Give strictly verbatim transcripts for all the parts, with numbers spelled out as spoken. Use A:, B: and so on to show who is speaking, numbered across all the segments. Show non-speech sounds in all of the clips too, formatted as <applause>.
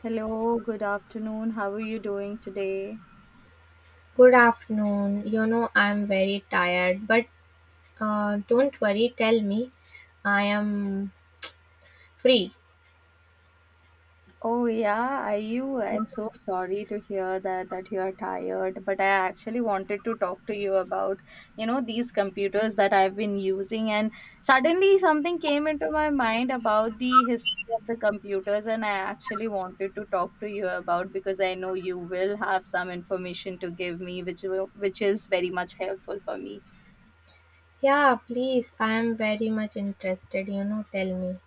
A: Hello, good afternoon. How are you doing today?
B: Good afternoon. You know, I'm very tired, but uh, don't worry, tell me. I am free.
A: Oh yeah, are you? I'm so sorry to hear that that you are tired, but I actually wanted to talk to you about, you know, these computers that I've been using, and suddenly something came into my mind about the history of the computers, and I actually wanted to talk to you about, because I know you will have some information to give me, which will, which is very much helpful for me.
B: Yeah, please. I am very much interested. You know, tell me.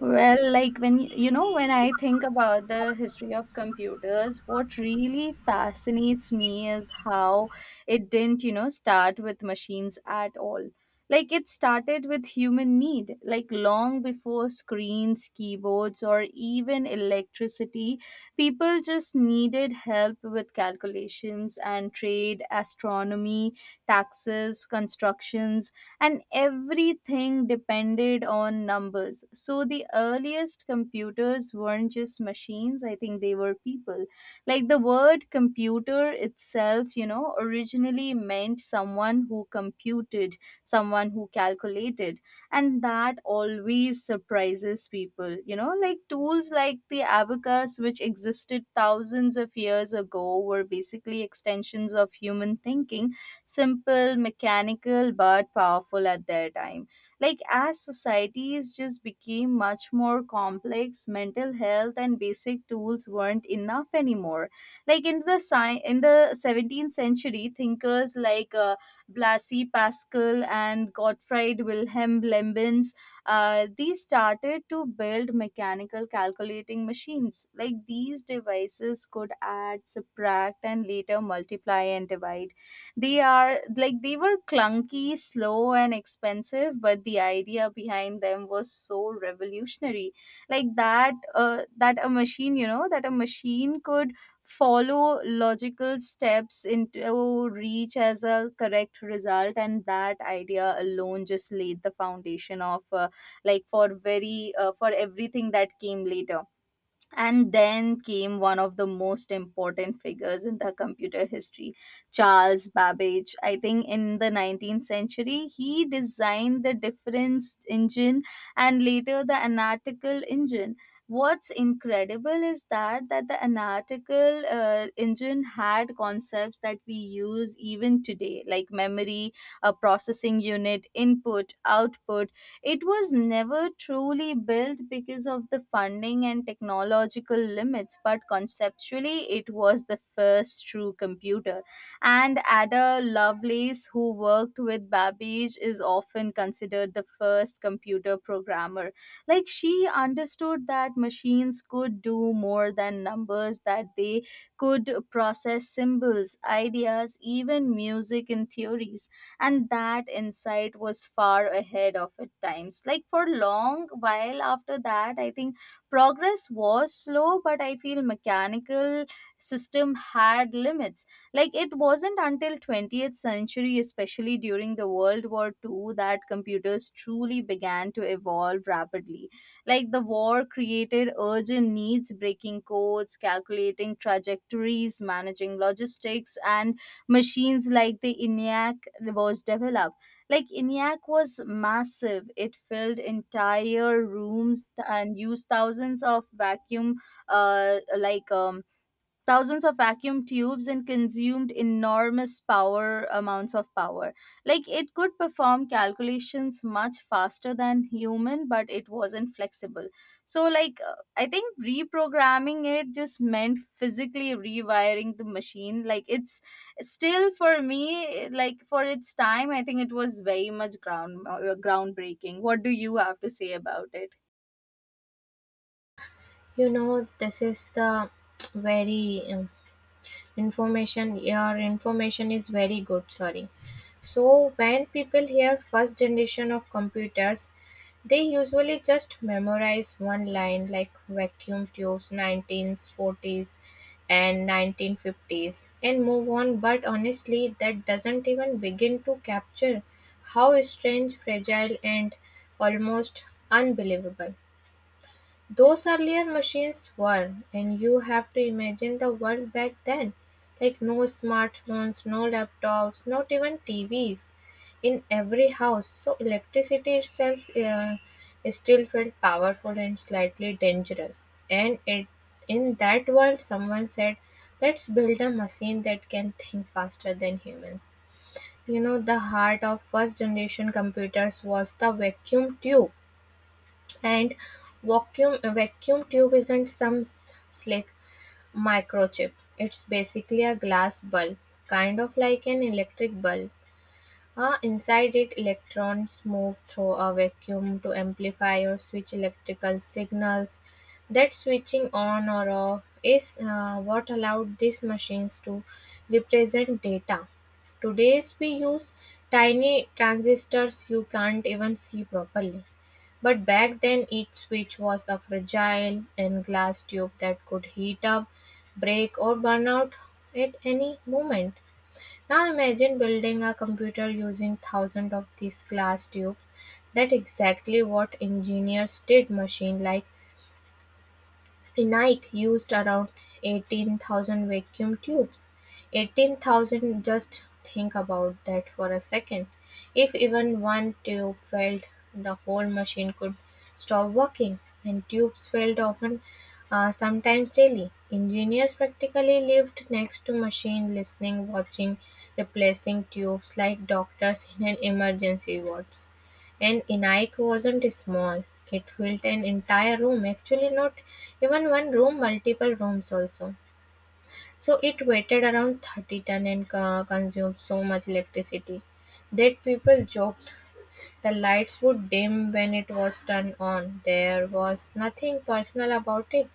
A: Well, like when y- you know, when I think about the history of computers, what really fascinates me is how it didn't, you know, start with machines at all. Like it started with human need, like long before screens, keyboards, or even electricity, people just needed help with calculations and trade, astronomy, taxes, constructions, and everything depended on numbers. So the earliest computers weren't just machines; I think they were people. Like the word computer itself, you know, originally meant someone who computed, someone who calculated, and that always surprises people. You know, like tools like the abacus, which existed thousands of years ago, were basically extensions of human thinking, simple, mechanical, but powerful at their time. Like, as societies just became much more complex, mental health and basic tools weren't enough anymore. Like, in the, sci- in the seventeenth century, thinkers like uh, Blasi Pascal and Gottfried Wilhelm Leibniz, uh, these started to build mechanical calculating machines. Like these devices could add, subtract, and later multiply and divide. They are, like they were clunky, slow, and expensive, but the idea behind them was so revolutionary. Like that, uh, that a machine, you know, that a machine could follow logical steps into reach as a correct result, and that idea alone just laid the foundation of uh, like for very uh, for everything that came later. And then came one of the most important figures in the computer history, Charles Babbage. I think in the nineteenth century he designed the difference engine and later the analytical engine. What's incredible is that that the analytical uh, engine had concepts that we use even today, like memory, a processing unit, input, output. It was never truly built because of the funding and technological limits, but conceptually, it was the first true computer. And Ada Lovelace, who worked with Babbage, is often considered the first computer programmer. Like, she understood that machines could do more than numbers, that they could process symbols, ideas, even music and theories, and that insight was far ahead of its times. Like, for long while after that, I think progress was slow, but I feel mechanical system had limits. Like it wasn't until twentieth century, especially during the World War Two, that computers truly began to evolve rapidly. Like the war created urgent needs, breaking codes, calculating trajectories, managing logistics, and machines like the ENIAC was developed. Like ENIAC was massive; it filled entire rooms, th- and used thousands of vacuum, uh, like um, thousands of vacuum tubes and consumed enormous power amounts of power. Like it could perform calculations much faster than human, but it wasn't flexible. So like uh, I think reprogramming it just meant physically rewiring the machine, like it's it's still for me, like for its time, I think it was very much ground uh, groundbreaking. What do you have to say about it?
B: You know, this is the <tsk> very um, information. Your information is very good. Sorry. So when people hear first generation of computers, they usually just memorize one line like vacuum tubes, nineteen forties and nineteen fifties, and move on. But honestly, that doesn't even begin to capture how strange, fragile, and almost unbelievable those earlier machines were. And you have to imagine the world back then, like no smartphones, no laptops, not even T Vs in every house. So electricity itself uh, still felt powerful and slightly dangerous. And it in that world, someone said, "Let's build a machine that can think faster than humans." You know, the heart of first generation computers was the vacuum tube. And vacuum a vacuum tube isn't some s- slick microchip. It's basically a glass bulb, kind of like an electric bulb. Uh, inside it, electrons move through a vacuum to amplify or switch electrical signals. That switching on or off is uh, what allowed these machines to represent data. Today's we use tiny transistors you can't even see properly. But back then, each switch was a fragile and glass tube that could heat up, break, or burn out at any moment. Now imagine building a computer using thousands of these glass tubes. That's exactly what engineers did. Machine like Nike used around eighteen thousand vacuum tubes. eighteen thousand, just think about that for a second. If even one tube failed, the whole machine could stop working, and tubes failed often, uh, sometimes daily. Engineers practically lived next to machine, listening, watching, replacing tubes like doctors in an emergency ward. And Enaik wasn't small, it filled an entire room, actually, not even one room, multiple rooms also. So it weighted around thirty ton and co- consumed so much electricity that people joked the lights would dim when it was turned on. There was nothing personal about it.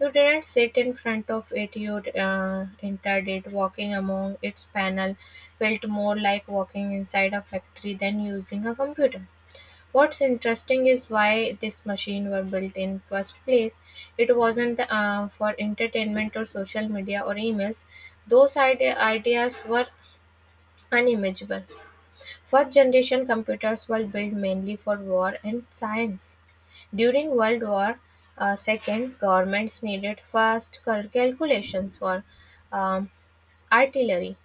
B: You didn't sit in front of it, you uh, entered it. Walking among its panel felt more like walking inside a factory than using a computer. What's interesting is why this machine were built in first place. It wasn't uh, for entertainment or social media or emails. Those ide- ideas were unimaginable. First generation computers were built mainly for war and science. During World War uh, two, governments needed fast cal- calculations for um, artillery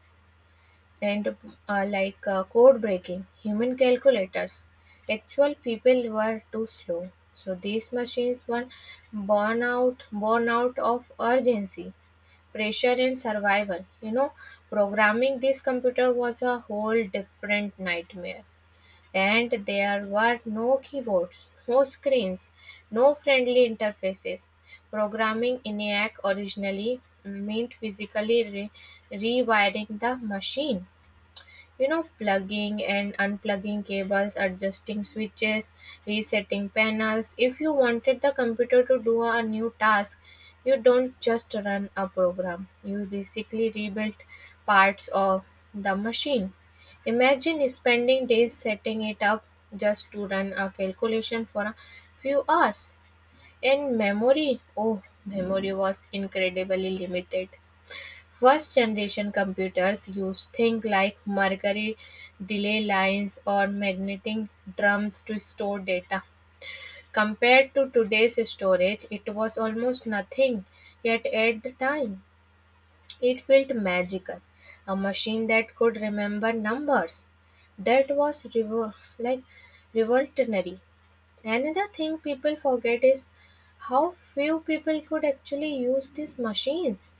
B: and uh, like uh, code breaking, human calculators. Actual people were too slow, so these machines were born out, born out of urgency, pressure, and survival. You know, programming this computer was a whole different nightmare, and there were no keyboards, no screens, no friendly interfaces. Programming ENIAC originally meant physically re- rewiring the machine, you know, plugging and unplugging cables, adjusting switches, resetting panels. If you wanted the computer to do a new task, you don't just run a program, you basically rebuild parts of the machine. Imagine spending days setting it up just to run a calculation for a few hours. And memory, oh, memory was incredibly limited. First generation computers used things like mercury delay lines or magnetic drums to store data. Compared to today's storage, it was almost nothing, yet at the time, it felt magical. A machine that could remember numbers. That was revo- like revolutionary. Another thing people forget is how few people could actually use these machines.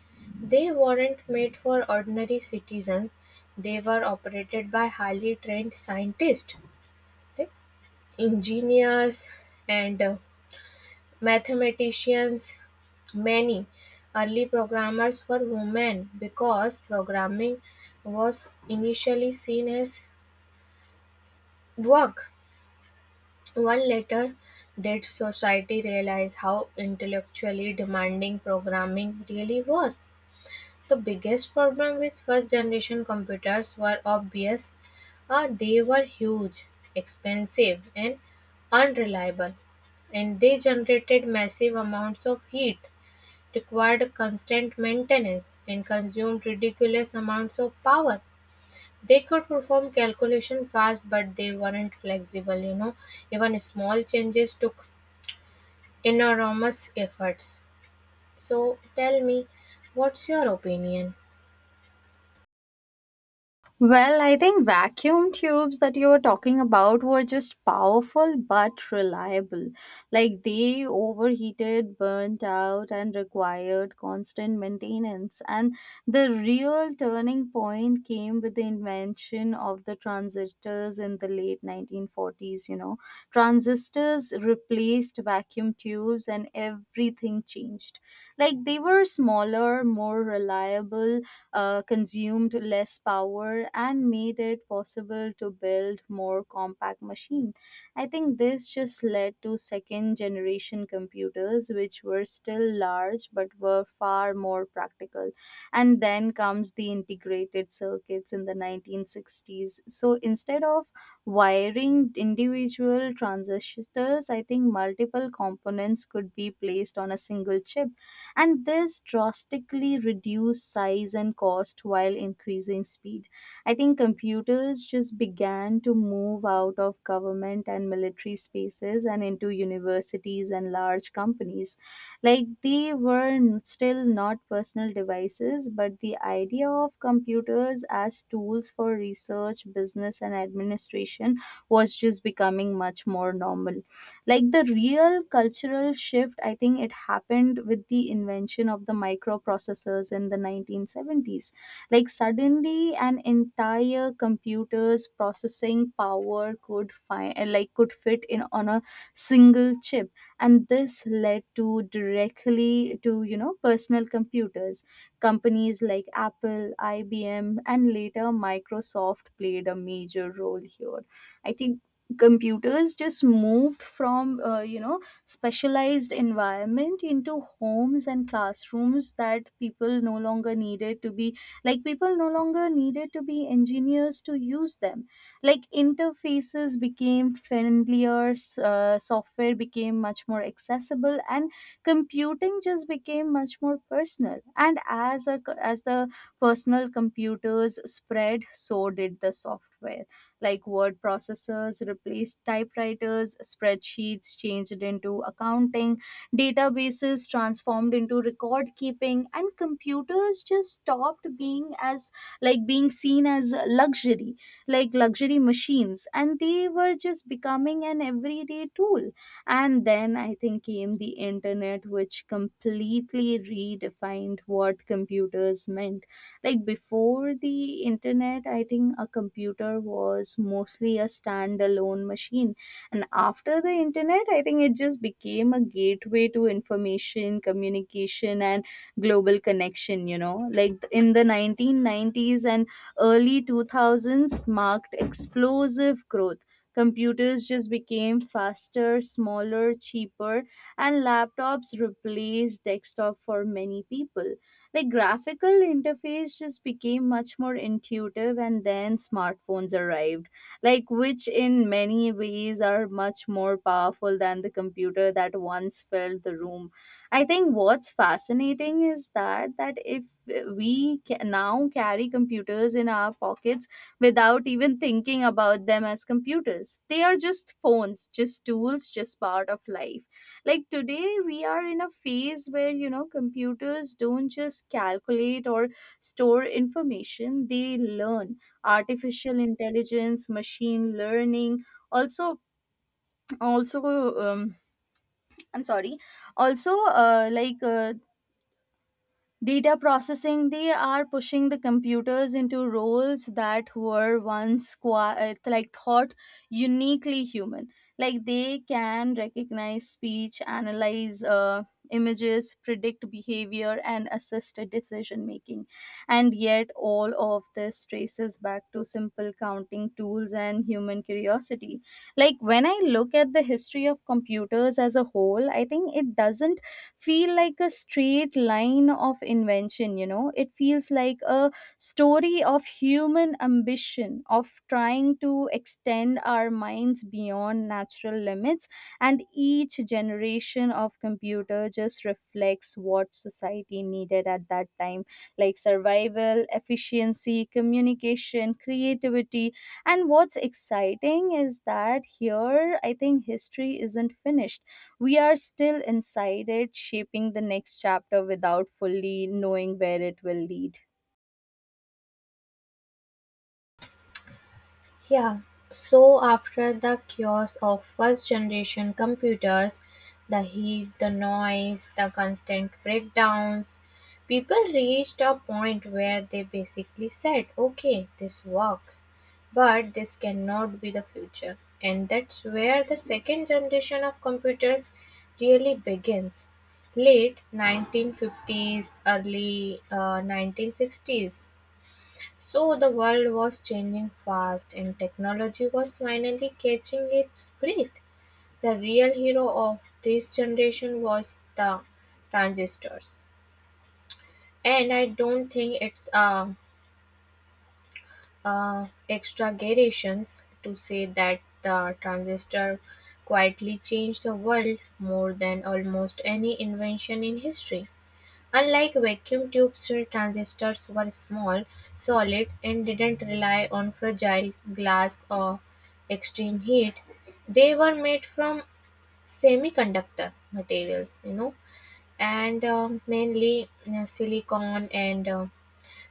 B: They weren't made for ordinary citizens, they were operated by highly trained scientists, right? Engineers, and uh, mathematicians. Many early programmers were women because programming was initially seen as work. One letter did society realize how intellectually demanding programming really was. The biggest problem with first generation computers were obvious. Uh, they were huge, expensive, and unreliable, and they generated massive amounts of heat, required constant maintenance, and consumed ridiculous amounts of power. They could perform calculation fast, but they weren't flexible, you know. Even small changes took enormous efforts. So tell me, what's your opinion?
A: Well, I think vacuum tubes that you were talking about were just powerful but reliable. Like they overheated, burnt out, and required constant maintenance. And the real turning point came with the invention of the transistors in the late nineteen forties. You know, transistors replaced vacuum tubes and everything changed. Like they were smaller, more reliable, uh, consumed less power, and made it possible to build more compact machines. I think this just led to second generation computers, which were still large but were far more practical. And then comes the integrated circuits in the nineteen sixties. So instead of wiring individual transistors, I think multiple components could be placed on a single chip, and this drastically reduced size and cost while increasing speed. I think computers just began to move out of government and military spaces and into universities and large companies. Like they were n- still not personal devices, but the idea of computers as tools for research, business, and administration was just becoming much more normal. Like the real cultural shift, I think it happened with the invention of the microprocessors in the nineteen seventies. Like suddenly an entire computer's processing power could find like could fit in on a single chip, and this led to directly to, you know, personal computers. Companies like Apple, IBM, and later Microsoft played a major role here. I think computers just moved from, uh, you know specialized environment into homes and classrooms, that people no longer needed to be, like people no longer needed to be engineers to use them. Like interfaces became friendlier, s- uh, software became much more accessible, and computing just became much more personal. And as a as the personal computers spread, so did the software. Like word processors replaced typewriters, spreadsheets changed into accounting, databases transformed into record keeping, and computers just stopped being as, like being seen as luxury, like luxury machines, and they were just becoming an everyday tool. And then, I think, came the internet, which completely redefined what computers meant. Like before the internet, I think a computer was mostly a standalone machine, and after the internet, I think it just became a gateway to information, communication, and global connection. You know, like th- in the nineteen nineties and early two thousands marked explosive growth. Computers just became faster, smaller, cheaper, and laptops replaced desktop for many people. Like graphical interface just became much more intuitive, and then smartphones arrived, like which in many ways are much more powerful than the computer that once filled the room. I think what's fascinating is that that if we ca- now carry computers in our pockets without even thinking about them as computers. They are just phones, just tools, just part of life. Like today we are in a phase where, you know, computers don't just calculate or store information, they learn. Artificial intelligence, machine learning, also also um, I'm sorry. Also, uh, like uh, data processing, they are pushing the computers into roles that were once qua- like thought uniquely human. Like they can recognize speech, analyze uh, images, predict behavior, and assist decision making. And yet, all of this traces back to simple counting tools and human curiosity. Like when I look at the history of computers as a whole, I think it doesn't feel like a straight line of invention, you know. It feels like a story of human ambition, of trying to extend our minds beyond natural limits. And each generation of computer just reflects what society needed at that time, like survival, efficiency, communication, creativity. And what's exciting is that here, I think history isn't finished. We are still inside it, shaping the next chapter without fully knowing where it will lead.
B: Yeah, so after the chaos of first generation computers, the heat, the noise, the constant breakdowns, people reached a point where they basically said, okay, this works, but this cannot be the future. And that's where the second generation of computers really begins. Late nineteen fifties, early uh, nineteen sixties. So the world was changing fast and technology was finally catching its breath. The real hero of this generation was the transistors. And I don't think it's uh, uh, exaggerations to say that the transistor quietly changed the world more than almost any invention in history. Unlike vacuum tubes, transistors were small, solid, and didn't rely on fragile glass or extreme heat. They were made from semiconductor materials, you know, and um, mainly uh, silicon and uh,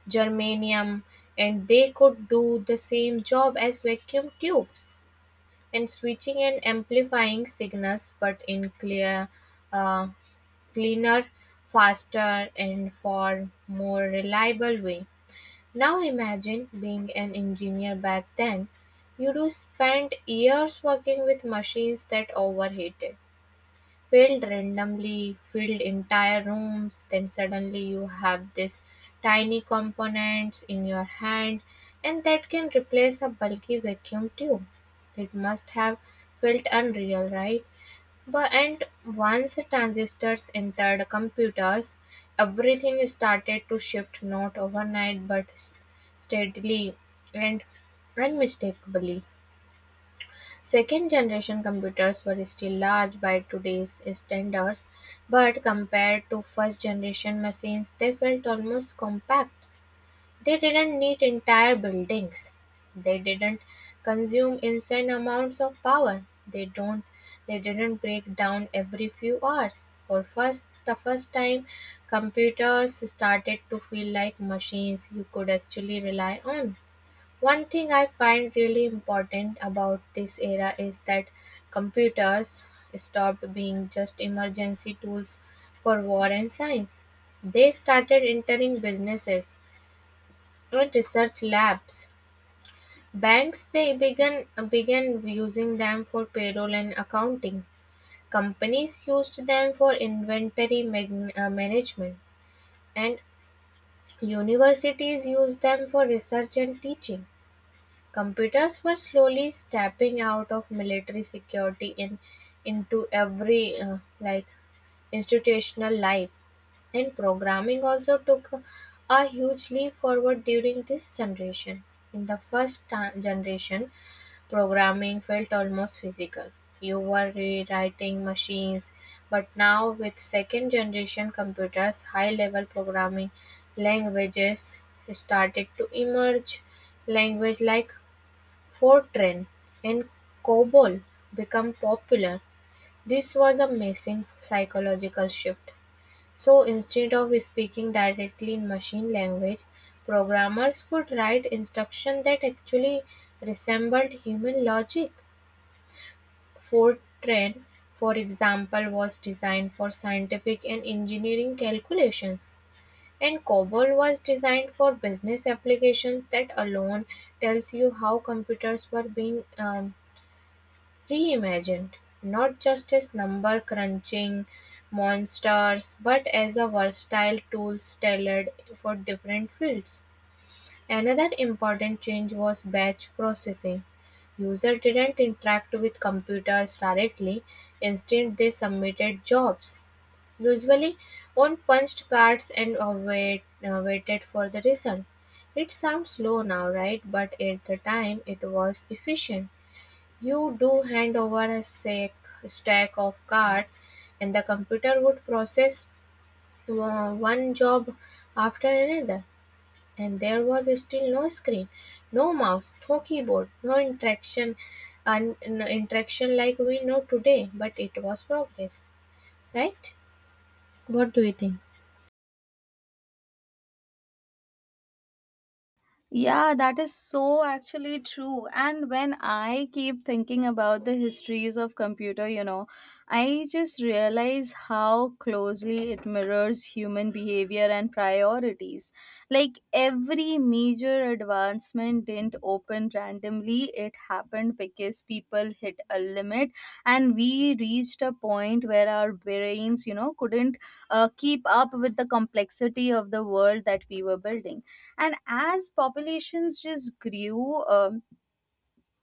B: germanium, and they could do the same job as vacuum tubes, and switching and amplifying signals, but in clear uh, cleaner, faster, and far more reliable way. Now imagine being an engineer back then. You do spend years working with machines that overheated, failed randomly, filled entire rooms, then suddenly you have this tiny components in your hand and that can replace a bulky vacuum tube. It must have felt unreal, right? But and once transistors entered computers, everything started to shift, not overnight but s- steadily and unmistakably. Second generation computers were still large by today's standards, but compared to first generation machines, they felt almost compact. They didn't need entire buildings. They didn't consume insane amounts of power. They don't they didn't break down every few hours. For first the first time, computers started to feel like machines you could actually rely on. One thing I find really important about this era is that computers stopped being just emergency tools for war and science. They started entering businesses, private research labs. Banks be- began began using them for payroll and accounting. Companies used them for inventory mag- uh, management, and universities used them for research and teaching. Computers were slowly stepping out of military security in, into every uh, like institutional life. And programming also took a huge leap forward during this generation. In the first ta- generation, programming felt almost physical. You were rewriting machines, but now with second generation computers, high level programming languages started to emerge. Language like Fortran and COBOL become popular. This was a massive psychological shift. So instead of speaking directly in machine language, programmers could write instructions that actually resembled human logic. Fortran, for example, was designed for scientific and engineering calculations, and COBOL was designed for business applications. That alone tells you how computers were being um, reimagined, not just as number crunching monsters, but as a versatile tool tailored for different fields. Another important change was batch processing. Users didn't interact with computers directly, instead, they submitted jobs, usually on punched cards, and uh, wait, uh, waited for the result. It sounds slow now, right? But at the time, it was efficient. You do hand over a sack, stack of cards, and the computer would process uh, one job after another. And there was still no screen, no mouse, no keyboard, no interaction, and interaction like we know today. But it was progress, right? What do you think?
A: Yeah, that is so actually true. And when I keep thinking about the histories of computer, you know, I just realize how closely it mirrors human behavior and priorities. Like every major advancement didn't open randomly, it happened because people hit a limit and we reached a point where our brains, you know, couldn't uh, keep up with the complexity of the world that we were building. And as populations just grew, um,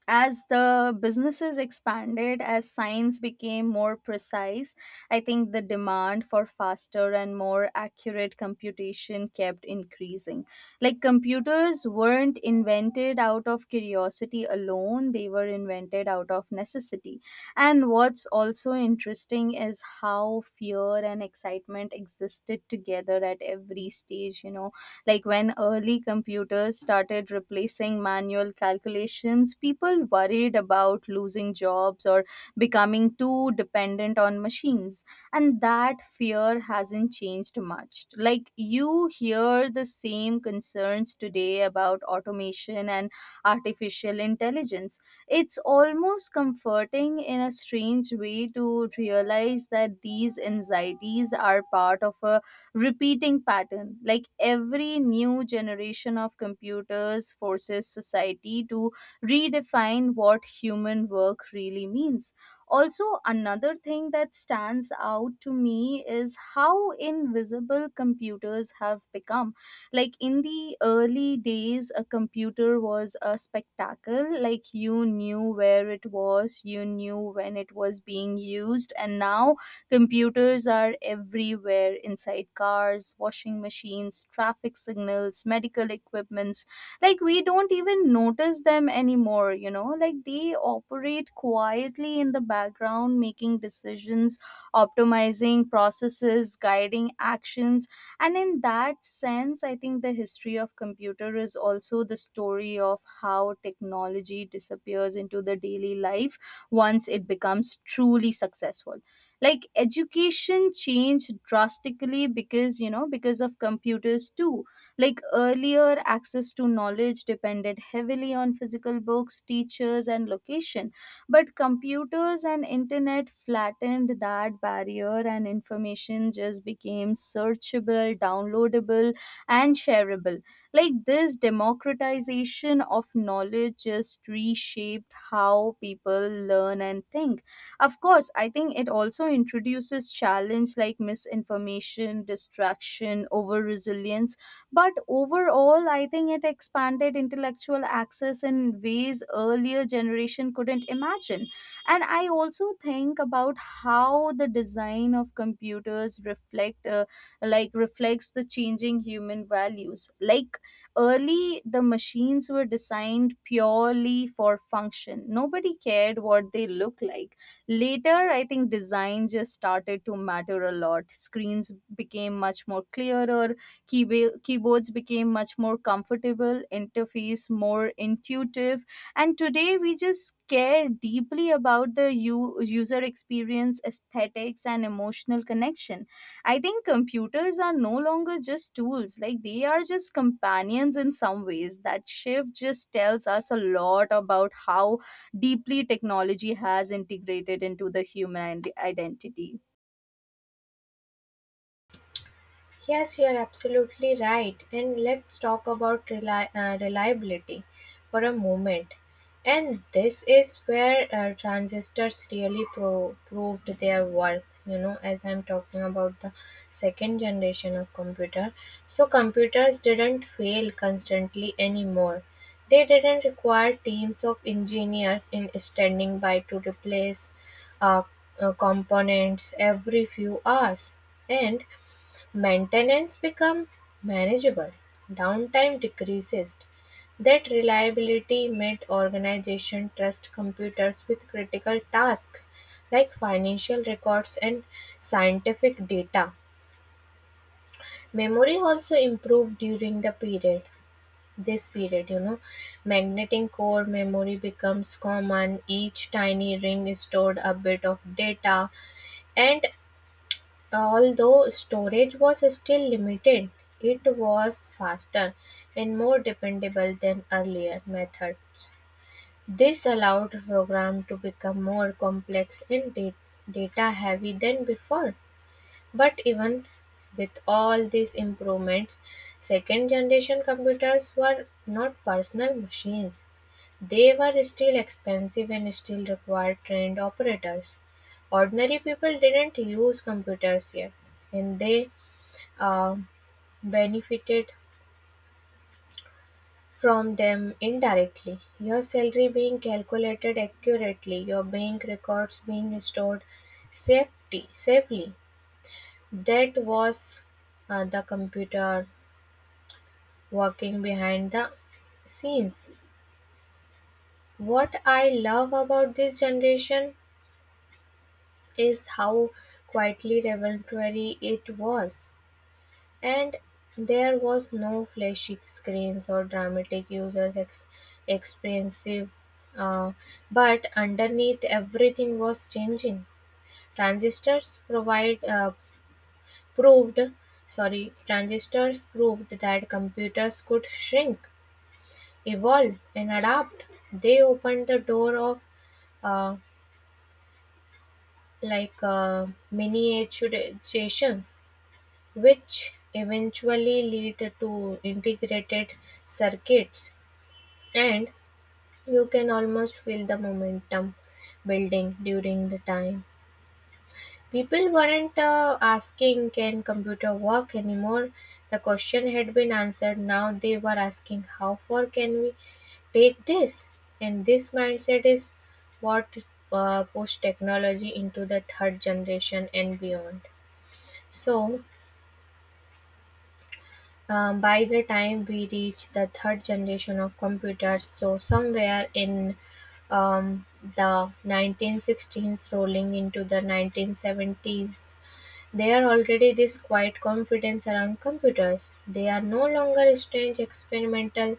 A: as the businesses expanded, as science became more precise, I think the demand for faster and more accurate computation kept increasing. Like computers weren't invented out of curiosity alone, they were invented out of necessity. And what's also interesting is how fear and excitement existed together at every stage, you know. Like when early computers started replacing manual calculations, people worried about losing jobs or becoming too dependent on machines. And that fear hasn't changed much. Like you hear the same concerns today about automation and artificial intelligence. It's almost comforting in a strange way to realize that these anxieties are part of a repeating pattern. Like every new generation of computers forces society to redefine what human work really means. Also, another thing that stands out to me is how invisible computers have become. Like in the early days, a computer was a spectacle, like you knew where it was, you knew when it was being used. And now computers are everywhere, inside cars, washing machines, traffic signals, medical equipments. Like we don't even notice them anymore, you know? Like they operate quietly in the background, making decisions, optimizing processes, guiding actions. And in that sense, I think the history of computer is also the story of how technology disappears into the daily life once it becomes truly successful. Like education changed drastically because you know because of computers too. Like earlier, access to knowledge depended heavily on physical books, teachers and location, but computers and internet flattened that barrier, and information just became searchable, downloadable and shareable. Like this democratization of knowledge just reshaped how people learn and think. Of course, I think it also introduces challenge, like misinformation, distraction, over resilience. But overall, I think it expanded intellectual access in ways earlier generation couldn't imagine. And I also think about how the design of computers reflect, uh, like reflects the changing human values. Like early, the machines were designed purely for function. Nobody cared what they look like. Later, I think design just started to matter a lot. Screens became much more clearer, keyba- keyboards became much more comfortable, interface more intuitive, and today we just care deeply about the u- user experience, aesthetics, and emotional connection. I think computers are no longer just tools, like they are just companions in some ways. That shift just tells us a lot about how deeply technology has integrated into the human ident- identity.
B: Yes, you are absolutely right. And let's talk about reli- uh, reliability for a moment. And this is where uh, transistors really pro- proved their worth, you know, as I'm talking about the second generation of computer. So computers didn't fail constantly anymore. They didn't require teams of engineers in standing by to replace uh, uh, components every few hours. And maintenance become manageable, downtime decreases. That reliability made organization trust computers with critical tasks like financial records and scientific data. Memory also improved during the period. This period, you know, magnetic core memory becomes common. Each tiny ring stored a bit of data, and although storage was still limited, it was faster and more dependable than earlier methods. This allowed programs to become more complex and data heavy than before. But even with all these improvements, second generation computers were not personal machines. They were still expensive and still required trained operators. Ordinary people didn't use computers yet, and they uh, benefited from them indirectly. Your salary being calculated accurately, your bank records being stored safety, safely. That was uh, the computer working behind the s- scenes. What I love about this generation is how quietly revelatory it was, and there was no flashy screens or dramatic user ex- expensive. Uh, but underneath, everything was changing. Transistors provide uh, proved sorry transistors proved that computers could shrink, evolve, and adapt. They opened the door of uh, like uh, miniaturizations, which eventually lead to integrated circuits. And you can almost feel the momentum building during the time. People weren't uh, asking, can computer work anymore? The question had been answered. Now they were asking, how far can we take this? And this mindset is what uh, pushed technology into the third generation and beyond. So, um, by the time we reach the third generation of computers, so somewhere in um, the nineteen sixteens rolling into the nineteen seventies, they are already this quiet confidence around computers. They are no longer strange experimental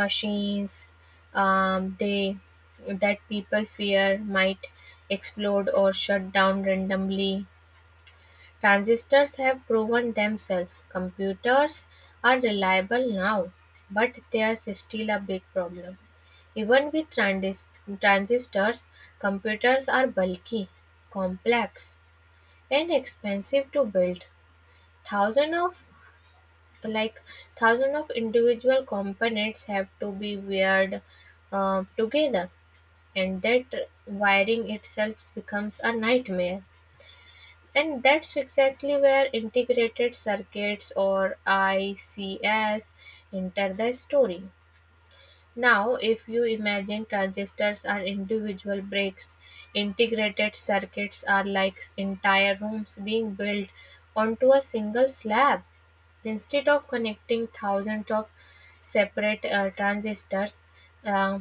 B: machines, um, they that people fear might explode or shut down randomly. Transistors have proven themselves. Computers are reliable now, but there's still a big problem. Even with transist- transistors, computers are bulky, complex, and expensive to build. Thousand of like thousand of individual components have to be wired uh, together, and that wiring itself becomes a nightmare. And that's exactly where integrated circuits, or I Cs, enter the story. Now, if you imagine transistors are individual bricks, integrated circuits are like entire rooms being built onto a single slab. Instead of connecting thousands of separate uh, transistors, uh,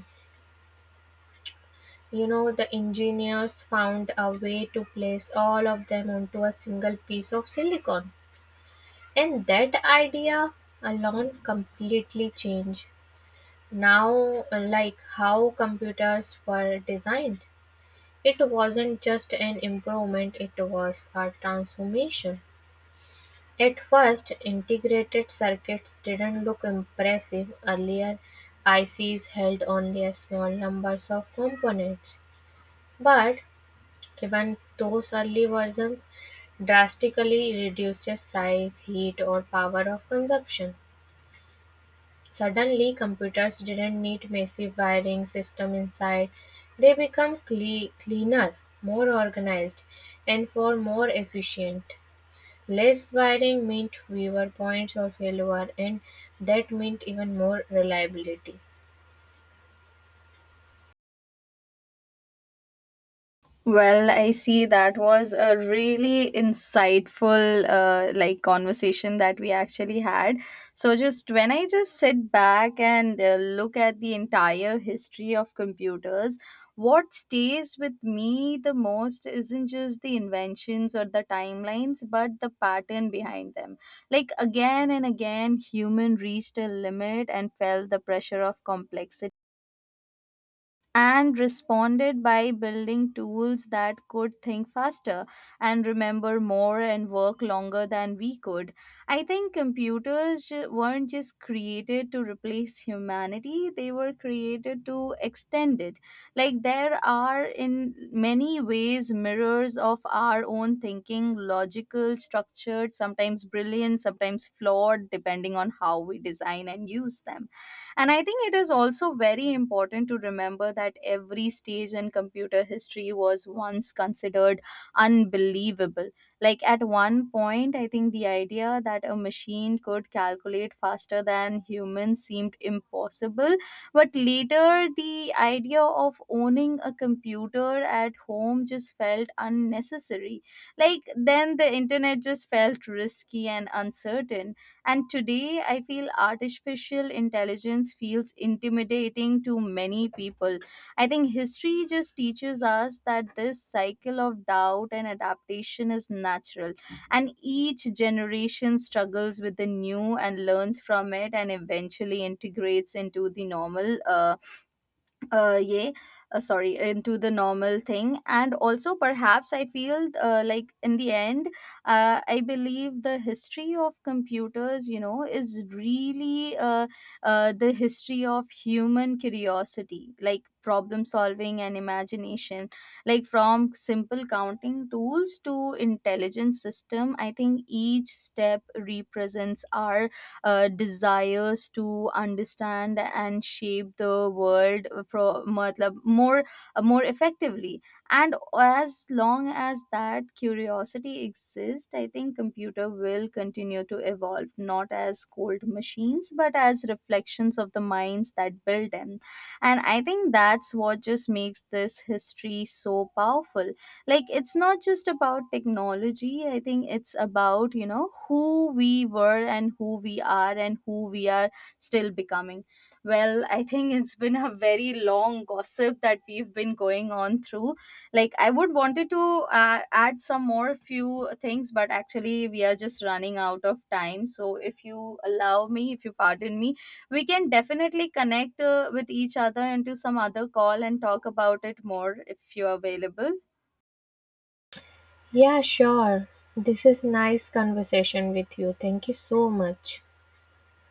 B: you know, the engineers found a way to place all of them onto a single piece of silicon. And that idea alone completely changed now, like, how computers were designed. It wasn't just an improvement, it was a transformation. At first, integrated circuits didn't look impressive. Earlier I Cs held only a small numbers of components, but even those early versions drastically reduced size, heat, or power of consumption. Suddenly, computers didn't need messy wiring system inside. They become cle- cleaner, more organized, and for more efficient. Less wiring meant fewer points or failure, and that meant even more reliability.
A: Well, I see that was a really insightful uh, like conversation that we actually had. So just when I just sit back and uh, look at the entire history of computers, what stays with me the most isn't just the inventions or the timelines, but the pattern behind them. Like again and again, human reached a limit and felt the pressure of complexity and responded by building tools that could think faster and remember more and work longer than we could. I think computers ju- weren't just created to replace humanity, they were created to extend it. Like, there are in many ways mirrors of our own thinking, logical, structured, sometimes brilliant, sometimes flawed, depending on how we design and use them. And I think it is also very important to remember that every stage in computer history was once considered unbelievable. Like at one point, I think the idea that a machine could calculate faster than humans seemed impossible. But later, the idea of owning a computer at home just felt unnecessary. Like then, the internet just felt risky and uncertain, and today, I feel artificial intelligence feels intimidating to many people. I think history just teaches us that this cycle of doubt and adaptation is natural, and each generation struggles with the new and learns from it and eventually integrates into the normal. Uh, uh yeah uh, sorry Into the normal thing. And also perhaps I feel, uh, like in the end, uh, I believe the history of computers, you know, is really uh, uh, the history of human curiosity, like problem solving and imagination. Like from simple counting tools to intelligent system, I think each step represents our uh, desires to understand and shape the world for matlab, more uh, more effectively. And as long as that curiosity exists, I think computer will continue to evolve, not as cold machines but as reflections of the minds that build them. And I think that's what just makes this history so powerful. Like it's not just about technology, I think it's about, you know, who we were and who we are and who we are still becoming. Well, I think it's been a very long gossip that we've been going on through. Like I would wanted to uh, add some more few things, but actually we are just running out of time. So if you allow me, if you pardon me, we can definitely connect uh, with each other into some other call and talk about it more if you're available.
B: Yeah, sure. This is nice conversation with you. Thank you so much.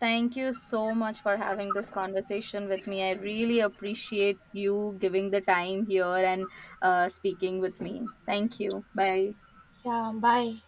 A: Thank you so much for having this conversation with me. I really appreciate you giving the time here and uh, speaking with me. Thank you. Bye.
B: Yeah, bye.